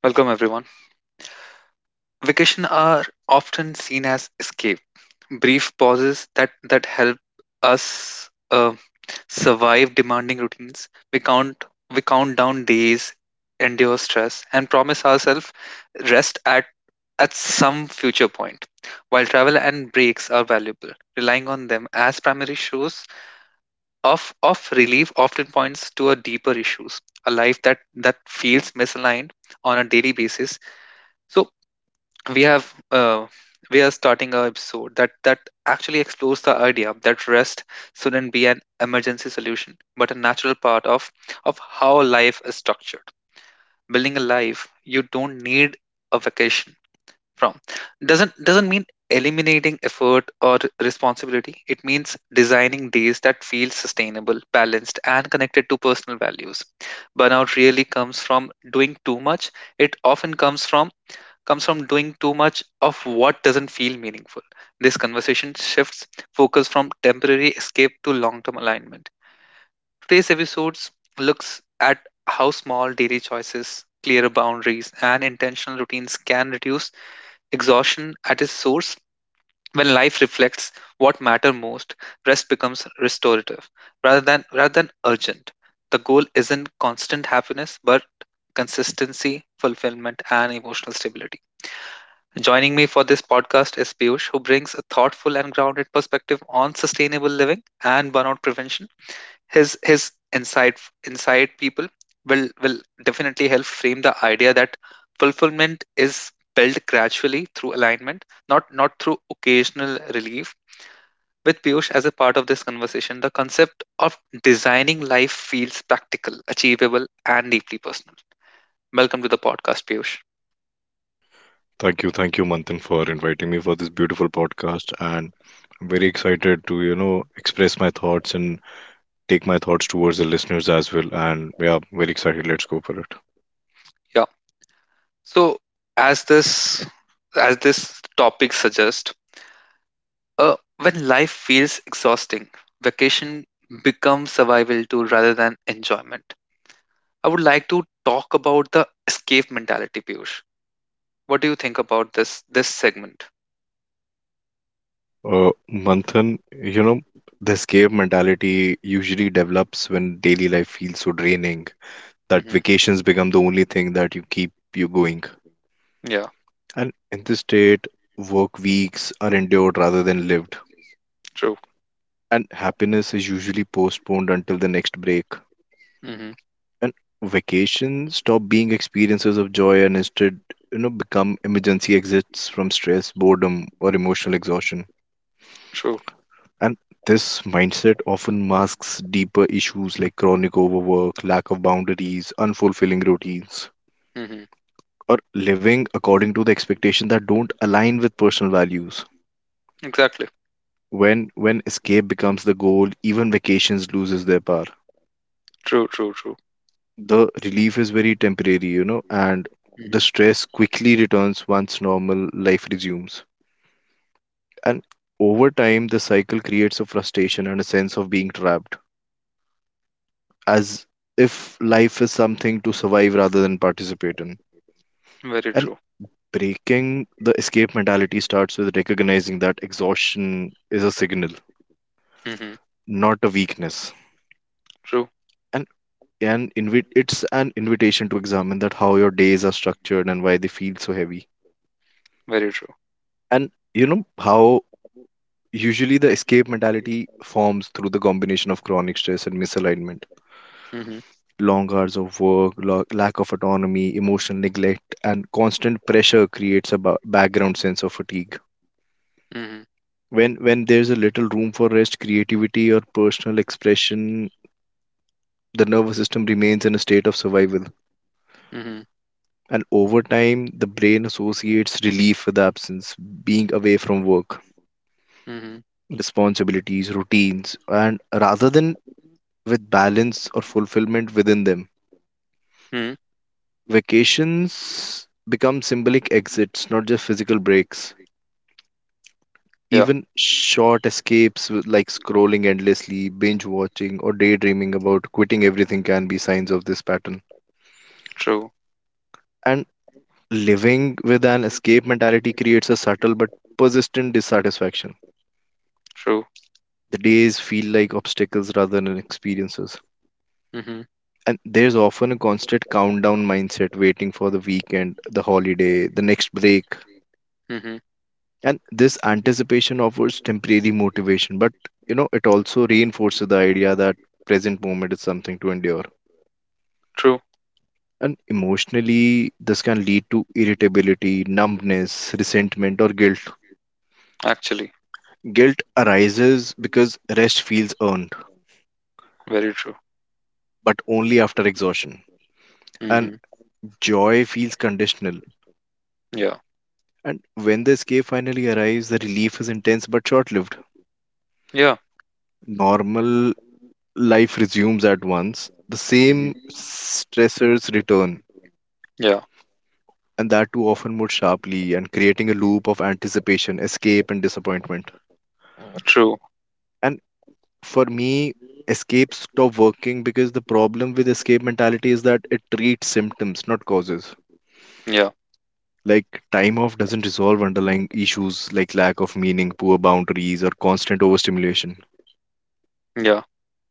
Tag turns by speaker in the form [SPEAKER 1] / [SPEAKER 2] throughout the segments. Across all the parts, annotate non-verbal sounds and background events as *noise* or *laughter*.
[SPEAKER 1] Welcome everyone. Vacation are often seen as escape, brief pauses that help us survive demanding routines. We count down days, endure stress, and promise ourselves rest at some future point. While travel and breaks are valuable, relying on them as primary source of relief often points to a deeper issues, a life that feels misaligned on a daily basis. So we have we are starting our episode that actually explores the idea that rest shouldn't be an emergency solution but a natural part of how life is structured, building a life you don't need a vacation from doesn't mean eliminating effort or responsibility. It means designing days that feel sustainable, balanced, and connected to personal values. Burnout really comes from doing too much, it often comes from doing too much of what doesn't feel meaningful. This conversation shifts focus from temporary escape to long term alignment. Today's episode looks at how small daily choices, clearer boundaries, and intentional routines can reduce exhaustion at its source. When life reflects what matter most, rest becomes restorative rather than urgent. The goal isn't constant happiness, but consistency, fulfillment, and emotional stability. Joining me for this podcast is Piyush, who brings a thoughtful and grounded perspective on sustainable living and burnout prevention. His insight, people, will definitely help frame the idea that fulfillment is built gradually through alignment, not through occasional relief. With Piyush as a part of this conversation, the concept of designing life feels practical, achievable, and deeply personal. Welcome to the podcast, Piyush.
[SPEAKER 2] Thank you, Manthan, for inviting me for this beautiful podcast. And I'm very excited to, express my thoughts and take my thoughts towards the listeners as well. And yeah, very excited. Let's go for it.
[SPEAKER 1] So, as this topic suggests, when life feels exhausting, vacation becomes survival tool rather than enjoyment. I would like to talk about the escape mentality, Piyush. What do you think about this segment?
[SPEAKER 2] Manthan, you know, the escape mentality usually develops when daily life feels so draining that
[SPEAKER 1] hmm
[SPEAKER 2] vacations become the only thing that you keep you going.
[SPEAKER 1] Yeah,
[SPEAKER 2] And in this state, work weeks are endured rather than lived.
[SPEAKER 1] true.
[SPEAKER 2] And happiness is usually postponed until the next break,
[SPEAKER 1] hmm
[SPEAKER 2] and vacations stop being experiences of joy and instead become emergency exits from stress, boredom, or emotional exhaustion.
[SPEAKER 1] True.
[SPEAKER 2] And this mindset often masks deeper issues like chronic overwork, lack of boundaries, unfulfilling routines,
[SPEAKER 1] hmm
[SPEAKER 2] or living according to the expectations that don't align with personal values.
[SPEAKER 1] Exactly.
[SPEAKER 2] When escape becomes the goal, even vacations loses their power.
[SPEAKER 1] True, true, true.
[SPEAKER 2] The relief is very temporary, and
[SPEAKER 1] hmm
[SPEAKER 2] the stress quickly returns once normal life resumes. And over time, the cycle creates a frustration and a sense of being trapped,
[SPEAKER 1] True.
[SPEAKER 2] as if life is something to survive rather than participate in.
[SPEAKER 1] Very
[SPEAKER 2] And
[SPEAKER 1] true.
[SPEAKER 2] breaking the escape mentality starts with recognizing that exhaustion is a signal,
[SPEAKER 1] hmm
[SPEAKER 2] not a weakness.
[SPEAKER 1] True.
[SPEAKER 2] And it's an invitation to examine that how your days are structured and why they feel so heavy.
[SPEAKER 1] Very true.
[SPEAKER 2] And you know how usually, the escape mentality forms through the combination of chronic stress and misalignment.
[SPEAKER 1] hmm
[SPEAKER 2] Long hours of work, lack of autonomy, emotional neglect, and constant pressure creates a background sense of fatigue.
[SPEAKER 1] hmm
[SPEAKER 2] When there's a little room for rest, creativity, or personal expression, the nervous system remains in a state of survival.
[SPEAKER 1] hmm
[SPEAKER 2] And over time, the brain associates relief with absence, being away from work,
[SPEAKER 1] hmm
[SPEAKER 2] responsibilities, routines, and rather than with balance or fulfillment within them.
[SPEAKER 1] hmm
[SPEAKER 2] Vacations become symbolic exits, not just physical breaks.
[SPEAKER 1] Yeah.
[SPEAKER 2] Even short escapes like scrolling endlessly, binge watching, or daydreaming about quitting everything can be signs of this pattern.
[SPEAKER 1] True,
[SPEAKER 2] And living with an escape mentality creates a subtle but persistent dissatisfaction.
[SPEAKER 1] true.
[SPEAKER 2] The days feel like obstacles rather than experiences. And there's often a constant countdown mindset waiting for the weekend, the holiday, the next break,
[SPEAKER 1] Mhm.
[SPEAKER 2] and this anticipation offers temporary motivation, but it also reinforces the idea that present moment is something to endure.
[SPEAKER 1] True,
[SPEAKER 2] And emotionally this can lead to irritability, numbness, resentment, or guilt.
[SPEAKER 1] actually,
[SPEAKER 2] Guilt arises because rest feels earned
[SPEAKER 1] very true.
[SPEAKER 2] but only after exhaustion, and
[SPEAKER 1] Mhm.
[SPEAKER 2] joy feels conditional.
[SPEAKER 1] Yeah,
[SPEAKER 2] And when the escape finally arrives, the relief is intense but short-lived.
[SPEAKER 1] yeah,
[SPEAKER 2] Normal life resumes at once, the same
[SPEAKER 1] mhm,
[SPEAKER 2] stressors return,
[SPEAKER 1] yeah.
[SPEAKER 2] and that too often more sharply, and creating a loop of anticipation, escape, and disappointment.
[SPEAKER 1] True,
[SPEAKER 2] And for me, escape stop working because the problem with escape mentality is that it treats symptoms, not causes.
[SPEAKER 1] yeah,
[SPEAKER 2] Like, time off doesn't resolve underlying issues like lack of meaning, poor boundaries, or constant overstimulation.
[SPEAKER 1] yeah.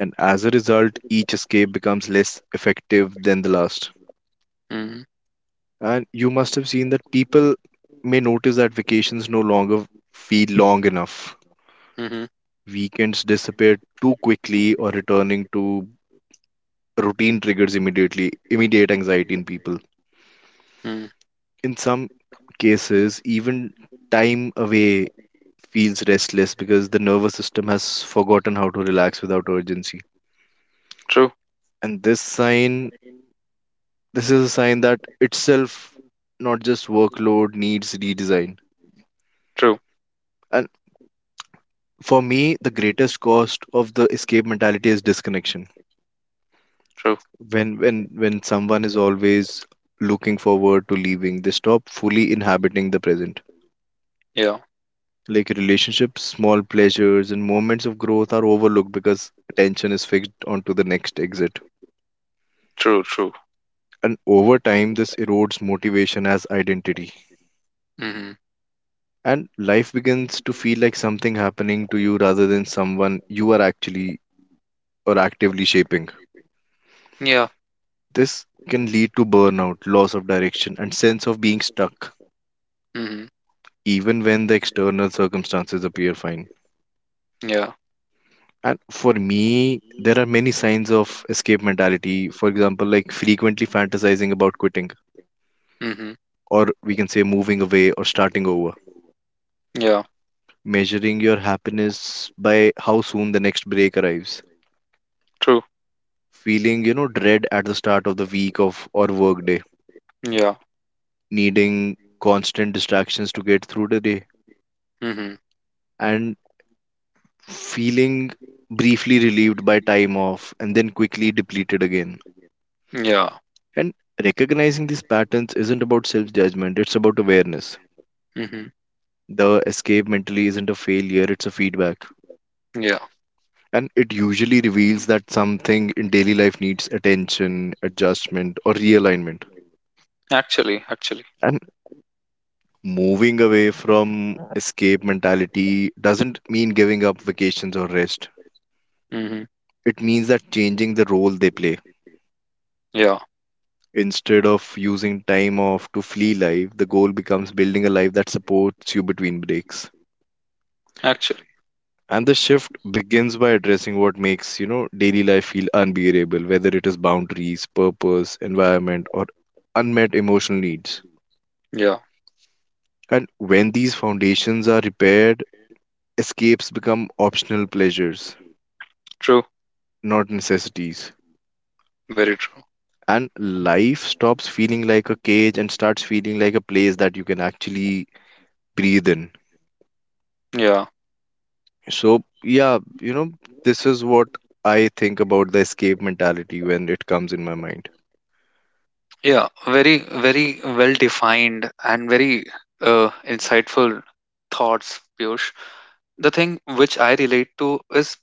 [SPEAKER 2] And as a result, each escape becomes less effective than the last.
[SPEAKER 1] Mhm.
[SPEAKER 2] And you must have seen that people may notice that vacations no longer feel long enough.
[SPEAKER 1] Mhm.
[SPEAKER 2] Weekends disappear too quickly, or returning to routine triggers immediate anxiety in people.
[SPEAKER 1] Mm.
[SPEAKER 2] In some cases, even time away feels restless because the nervous system has forgotten how to relax without urgency.
[SPEAKER 1] True,
[SPEAKER 2] And this is a sign that itself, not just workload, needs redesign.
[SPEAKER 1] true,
[SPEAKER 2] And for me, the greatest cost of the escape mentality is disconnection.
[SPEAKER 1] true.
[SPEAKER 2] When someone is always looking forward to leaving, they stop fully inhabiting the present,
[SPEAKER 1] Yeah,
[SPEAKER 2] like relationships, small pleasures, and moments of growth are overlooked because attention is fixed onto the next exit.
[SPEAKER 1] true, true.
[SPEAKER 2] And over time this erodes motivation as identity,
[SPEAKER 1] Mhm.
[SPEAKER 2] and life begins to feel like something happening to you rather than someone you are actually or actively shaping.
[SPEAKER 1] Yeah,
[SPEAKER 2] This can lead to burnout, loss of direction, and sense of being stuck,
[SPEAKER 1] mhm.
[SPEAKER 2] even when the external circumstances appear fine.
[SPEAKER 1] Yeah,
[SPEAKER 2] And for me, there are many signs of escape mentality. For example, like frequently fantasizing about quitting,
[SPEAKER 1] mhm.
[SPEAKER 2] or we can say moving away or starting over.
[SPEAKER 1] Yeah,
[SPEAKER 2] Measuring your happiness by how soon the next break arrives.
[SPEAKER 1] true.
[SPEAKER 2] Feeling, dread at the start of the week of or work day.
[SPEAKER 1] Yeah,
[SPEAKER 2] Needing constant distractions to get through the day.
[SPEAKER 1] mhm.
[SPEAKER 2] And feeling briefly relieved by time off and then quickly depleted again.
[SPEAKER 1] Yeah,
[SPEAKER 2] And recognizing these patterns isn't about self judgment, it's about awareness.
[SPEAKER 1] mhm.
[SPEAKER 2] The escape mentally isn't a failure, it's a feedback.
[SPEAKER 1] Yeah.
[SPEAKER 2] And it usually reveals that something in daily life needs attention, adjustment, or realignment.
[SPEAKER 1] Actually, actually.
[SPEAKER 2] And moving away from escape mentality doesn't mean giving up vacations or rest.
[SPEAKER 1] Mhm.
[SPEAKER 2] It means that changing the role they play.
[SPEAKER 1] Yeah,
[SPEAKER 2] Instead of using time off to flee life, the goal becomes building a life that supports you between breaks.
[SPEAKER 1] actually.
[SPEAKER 2] And the shift begins by addressing what makes, daily life feel unbearable, whether it is boundaries, purpose, environment, or unmet emotional needs.
[SPEAKER 1] Yeah,
[SPEAKER 2] And when these foundations are repaired, escapes become optional pleasures,
[SPEAKER 1] true,
[SPEAKER 2] not necessities.
[SPEAKER 1] very true.
[SPEAKER 2] And life stops feeling like a cage and starts feeling like a place that you can actually breathe in.
[SPEAKER 1] Yeah.
[SPEAKER 2] So, yeah, you know, this is what I think about the escape mentality when it comes in my mind.
[SPEAKER 1] Yeah, very, very well defined and very insightful thoughts, Piyush. The thing which I relate to is,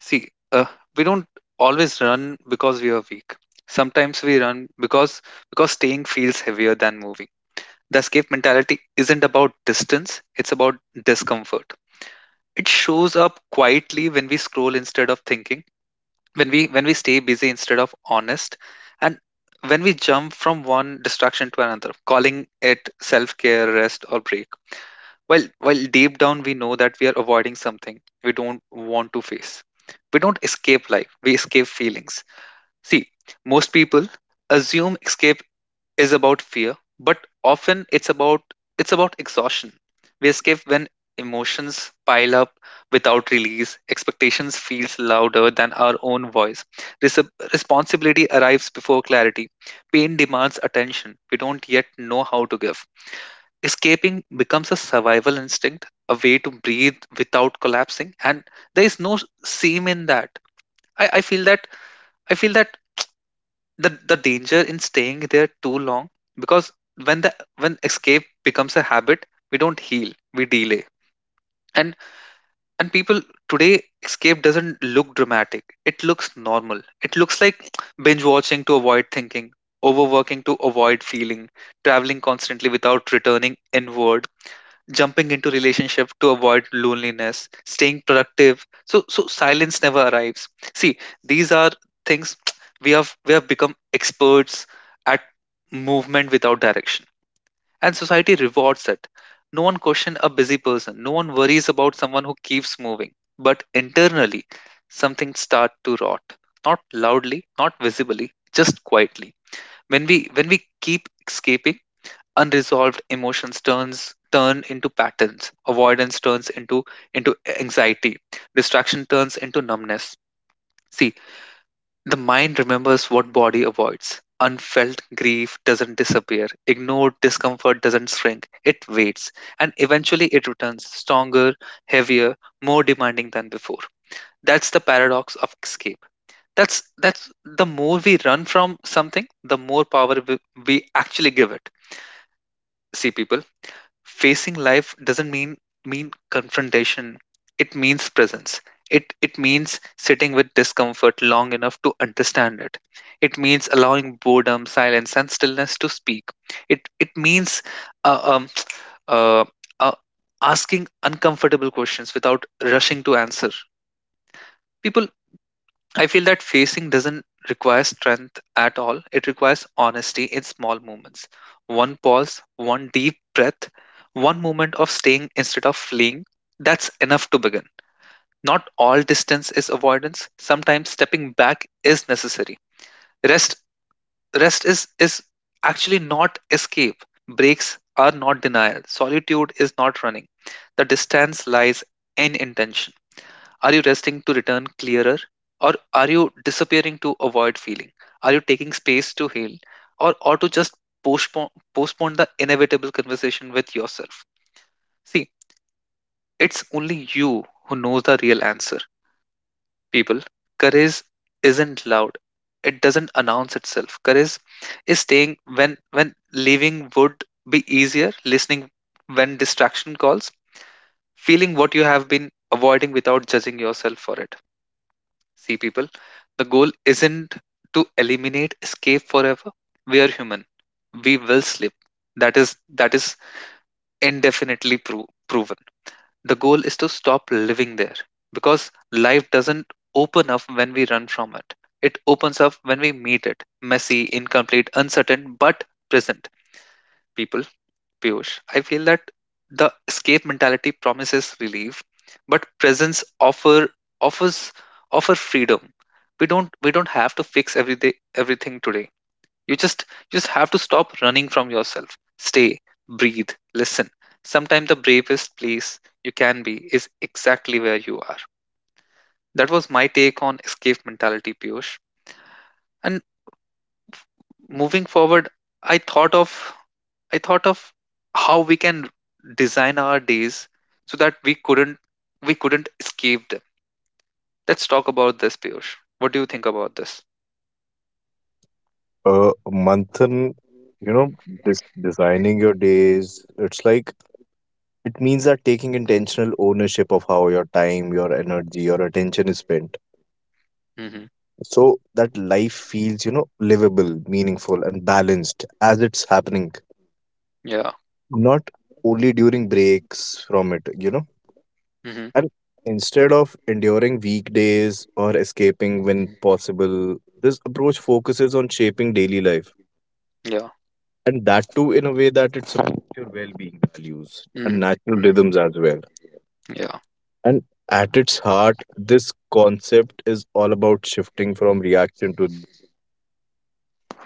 [SPEAKER 1] see, we don't always run because we are weak. Sometimes we run because staying feels heavier than moving. The escape mentality isn't about distance, it's about discomfort. It shows up quietly when we scroll instead of thinking, when we stay busy instead of honest, and when we jump from one distraction to another calling it self care, rest, or break, while deep down we know that we are avoiding something we don't want to face. We don't escape life, we escape feelings. See, most people assume escape is about fear, but often it's about exhaustion. We escape when emotions pile up without release. Expectations feels louder than our own voice. Res- Responsibility arrives before clarity. Pain demands attention we don't yet know how to give. Escaping becomes a survival instinct, a way to breathe without collapsing, and there is no shame in that. I, I feel that I feel that the danger in staying there too long, because when the when escape becomes a habit, we don't heal, we delay. and and people, today escape doesn't look dramatic, it looks normal. It looks like binge watching to avoid thinking, overworking to avoid feeling, traveling constantly without returning inward, jumping into relationship to avoid loneliness, staying productive so silence never arrives. See, these are things *tsk* we have become experts at movement without direction, and society rewards it. No one questions a busy person, no one worries about someone who keeps moving. But internally, something start to rot, not loudly, not visibly, just quietly. When we keep escaping, unresolved emotions turn into patterns, avoidance turns into anxiety, distraction turns into numbness. See, the mind remembers what body avoids. Unfelt grief doesn't disappear, ignored discomfort doesn't shrink, it waits. And eventually it returns stronger, heavier, more demanding than before. That's the paradox of escape. That's the more we run from something, the more power we actually give it. See people, facing life doesn't mean confrontation. It means presence. It means sitting with discomfort long enough to understand it. It means allowing boredom, silence, and stillness to speak. It means uh, um, uh, uh, asking uncomfortable questions without rushing to answer. People, I feel that facing doesn't require strength at all. It requires honesty in small moments. One pause, one deep breath, one moment of staying instead of fleeing. That's enough to begin. Not all distance is avoidance. Sometimes stepping back is necessary. Rest rest is actually not escape. Breaks are not denial. Solitude is not running. The distance lies in intention. Are you resting to return clearer? Or are you disappearing to avoid feeling? Are you taking space to heal? Or to just postpone the inevitable conversation with yourself? See, it's only you who knows the real answer, people. Courage isn't loud, it doesn't announce itself. Courage is staying when leaving would be easier, listening when distraction calls, feeling what you have been avoiding without judging yourself for it. See people, the goal isn't to eliminate escape forever. We are human. We will slip. That is indefinitely proven. The goal is to stop living there, because life doesn't open up when we run from it. It opens up when we meet it. Messy, incomplete, uncertain, but present. People, Piyush, I feel that the escape mentality promises relief, but presence offer offers offer freedom. We don't have to fix everything today. You just you just have to stop running from yourself. Stay, breathe, listen. Sometimes the bravest place you can be is exactly where you are. That was my take on escape mentality, Piyush. And moving forward, I thought of I thought of how we can design our days so that we couldn't escape them. Let's talk about this, Piyush. What do you think about this?
[SPEAKER 2] Manthan, you know, this designing your days, it's like it means that taking intentional ownership of how your time, your energy, your attention is spent.
[SPEAKER 1] hmm
[SPEAKER 2] So that life feels, livable, meaningful, and balanced as it's happening,
[SPEAKER 1] Yeah.
[SPEAKER 2] not only during breaks from it, you know.
[SPEAKER 1] hmm
[SPEAKER 2] And instead of enduring weekdays or escaping when possible, this approach focuses on shaping daily life,
[SPEAKER 1] Yeah.
[SPEAKER 2] and that too in a way that it supports your well-being, values, and
[SPEAKER 1] hmm
[SPEAKER 2] natural rhythms
[SPEAKER 1] hmm
[SPEAKER 2] as well.
[SPEAKER 1] Yeah.
[SPEAKER 2] And at its heart, this concept is all about shifting from reaction to.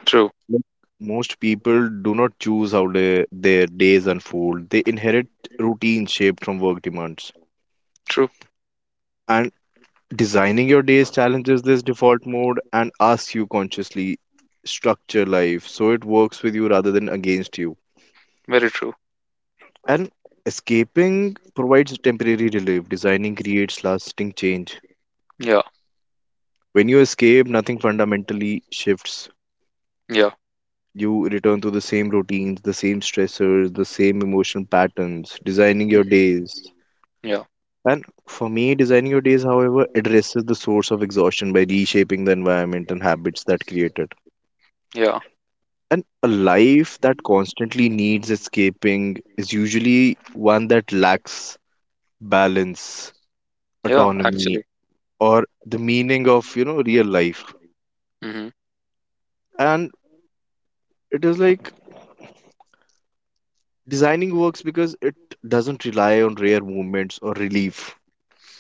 [SPEAKER 1] True,
[SPEAKER 2] Like, most people do not choose how their days unfold. They inherit routines shaped from work demands,
[SPEAKER 1] true,
[SPEAKER 2] and designing your days challenges this default mode and asks you consciously structure life so it works with you rather than against you.
[SPEAKER 1] very true.
[SPEAKER 2] And escaping provides temporary relief, designing creates lasting change.
[SPEAKER 1] Yeah.
[SPEAKER 2] When you escape, nothing fundamentally shifts.
[SPEAKER 1] Yeah.
[SPEAKER 2] You return to the same routines, the same stressors, the same emotional patterns, designing your
[SPEAKER 1] hmm
[SPEAKER 2] days.
[SPEAKER 1] Yeah.
[SPEAKER 2] And for me, designing your days, however, addresses the source of exhaustion by reshaping the environment and habits that create it.
[SPEAKER 1] Yeah.
[SPEAKER 2] And a life that constantly needs escaping is usually one that lacks balance,
[SPEAKER 1] Yeah.
[SPEAKER 2] autonomy,
[SPEAKER 1] Actually.
[SPEAKER 2] or the meaning of real life.
[SPEAKER 1] hmm
[SPEAKER 2] And it is like designing works because it doesn't rely on rare movements or relief.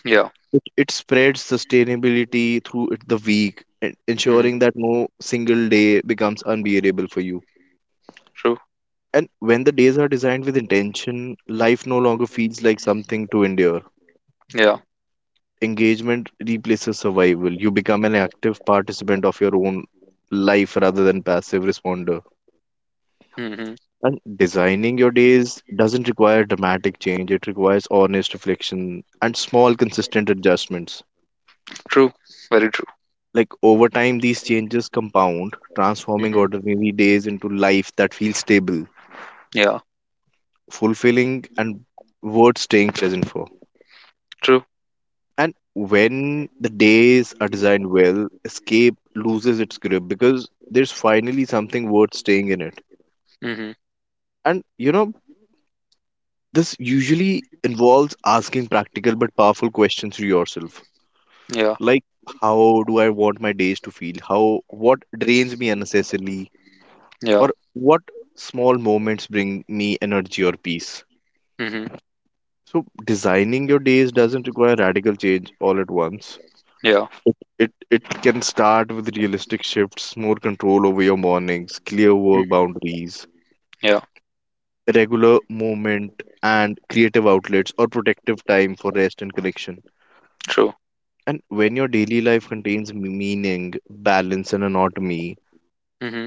[SPEAKER 1] Yeah.
[SPEAKER 2] It spreads sustainability through the week,
[SPEAKER 1] hmm
[SPEAKER 2] ensuring that no single day becomes unbearable for you.
[SPEAKER 1] True.
[SPEAKER 2] And when the days are designed with intention, life no longer feels like something to endure.
[SPEAKER 1] Yeah.
[SPEAKER 2] Engagement replaces survival. You become an active participant of your own life rather than passive responder.
[SPEAKER 1] hmm
[SPEAKER 2] And designing your days doesn't require dramatic change, it requires honest reflection and small, consistent adjustments.
[SPEAKER 1] True. Very true.
[SPEAKER 2] Like, over time, these changes compound, transforming
[SPEAKER 1] hmm
[SPEAKER 2] ordinary days into life that feels stable,
[SPEAKER 1] Yeah.
[SPEAKER 2] fulfilling, and worth staying present for.
[SPEAKER 1] True.
[SPEAKER 2] And when the days are designed well, escape loses its grip because there's finally something worth staying in it.
[SPEAKER 1] hmm
[SPEAKER 2] And you know, this usually involves asking practical but powerful questions to yourself,
[SPEAKER 1] Yeah.
[SPEAKER 2] like how do I want my days to feel, how what drains me unnecessarily,
[SPEAKER 1] Yeah.
[SPEAKER 2] or what small moments bring me energy or peace.
[SPEAKER 1] hmm
[SPEAKER 2] So designing your days doesn't require radical change all at once.
[SPEAKER 1] Yeah.
[SPEAKER 2] It can start with realistic shifts, more control over your mornings, clear work
[SPEAKER 1] hmm
[SPEAKER 2] boundaries,
[SPEAKER 1] Yeah.
[SPEAKER 2] regular movement, and creative outlets, or protective time for rest and connection.
[SPEAKER 1] True.
[SPEAKER 2] And when your daily life contains meaning, balance, and anatomy,
[SPEAKER 1] hmm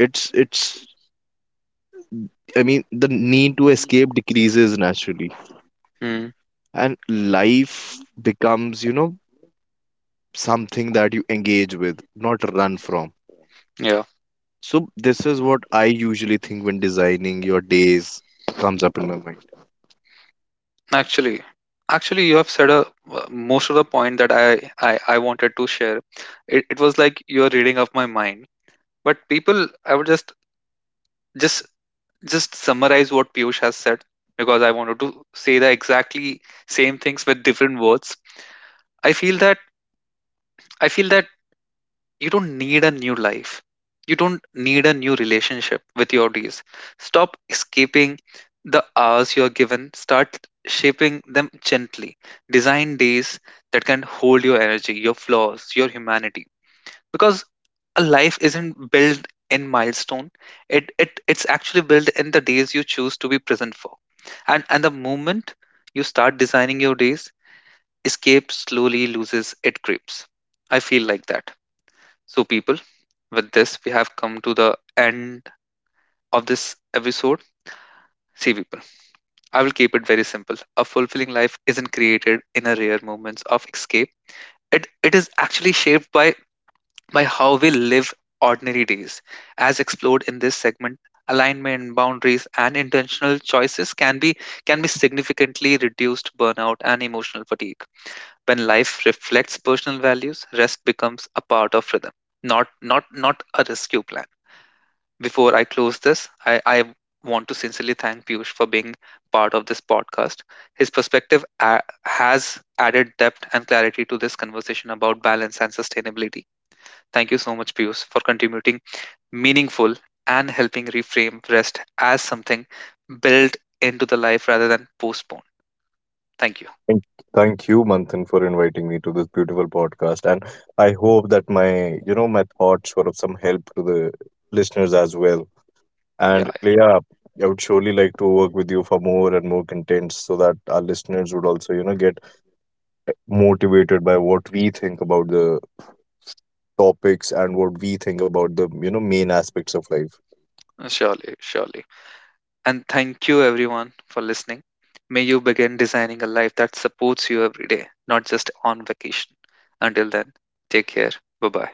[SPEAKER 2] it's I mean, the need to escape decreases naturally,
[SPEAKER 1] Mm,
[SPEAKER 2] and life becomes, something that you engage with, not run from.
[SPEAKER 1] yeah,
[SPEAKER 2] So, this is what I usually think when designing your days comes up in my mind.
[SPEAKER 1] actually, actually, you have said a most of the point that I wanted to share. It was like you're reading off my mind. But people, I would just just summarize what Piyush has said, because I wanted to say the exactly same things with different words. I feel that I feel that you don't need a new life, you don't need a new relationship with your days. Stop escaping the hours you're given. Start shaping them gently. Design days that can hold your energy, your flaws, your humanity. Because a life isn't built in milestone, it's actually built in the days you choose to be present for. And the moment you start designing your days, escape slowly loses its grips, I feel like that. So people, with this, we have come to the end of this episode. See people, I will keep it very simple. A fulfilling life isn't created in a rare moments of escape. It is actually shaped by how we live ordinary days. As explored in this segment, alignment, boundaries, and intentional choices can be significantly reduced burnout and emotional fatigue. When life reflects personal values, rest becomes a part of rhythm, not a rescue plan. Before I close this, I want to sincerely thank Piyush for being part of this podcast. His perspective has added depth and clarity to this conversation about balance and sustainability. Thank you so much, Piyush, for contributing meaningful and helping reframe rest as something built into the life rather than postponed. Thank you.
[SPEAKER 2] Thank thank you, Manthan, for inviting me to this beautiful podcast. And I hope that my thoughts were of some help to the listeners as well.
[SPEAKER 1] Yeah,
[SPEAKER 2] And yeah, I would surely like to work with you for more and more contents so that our listeners would also, get motivated by what we think about the topics and what we think about the main aspects of life.
[SPEAKER 1] yeah, surely, surely. And thank you, everyone, for listening. May you begin designing a life that supports you every day, not just on vacation. Until then, take care. Bye bye.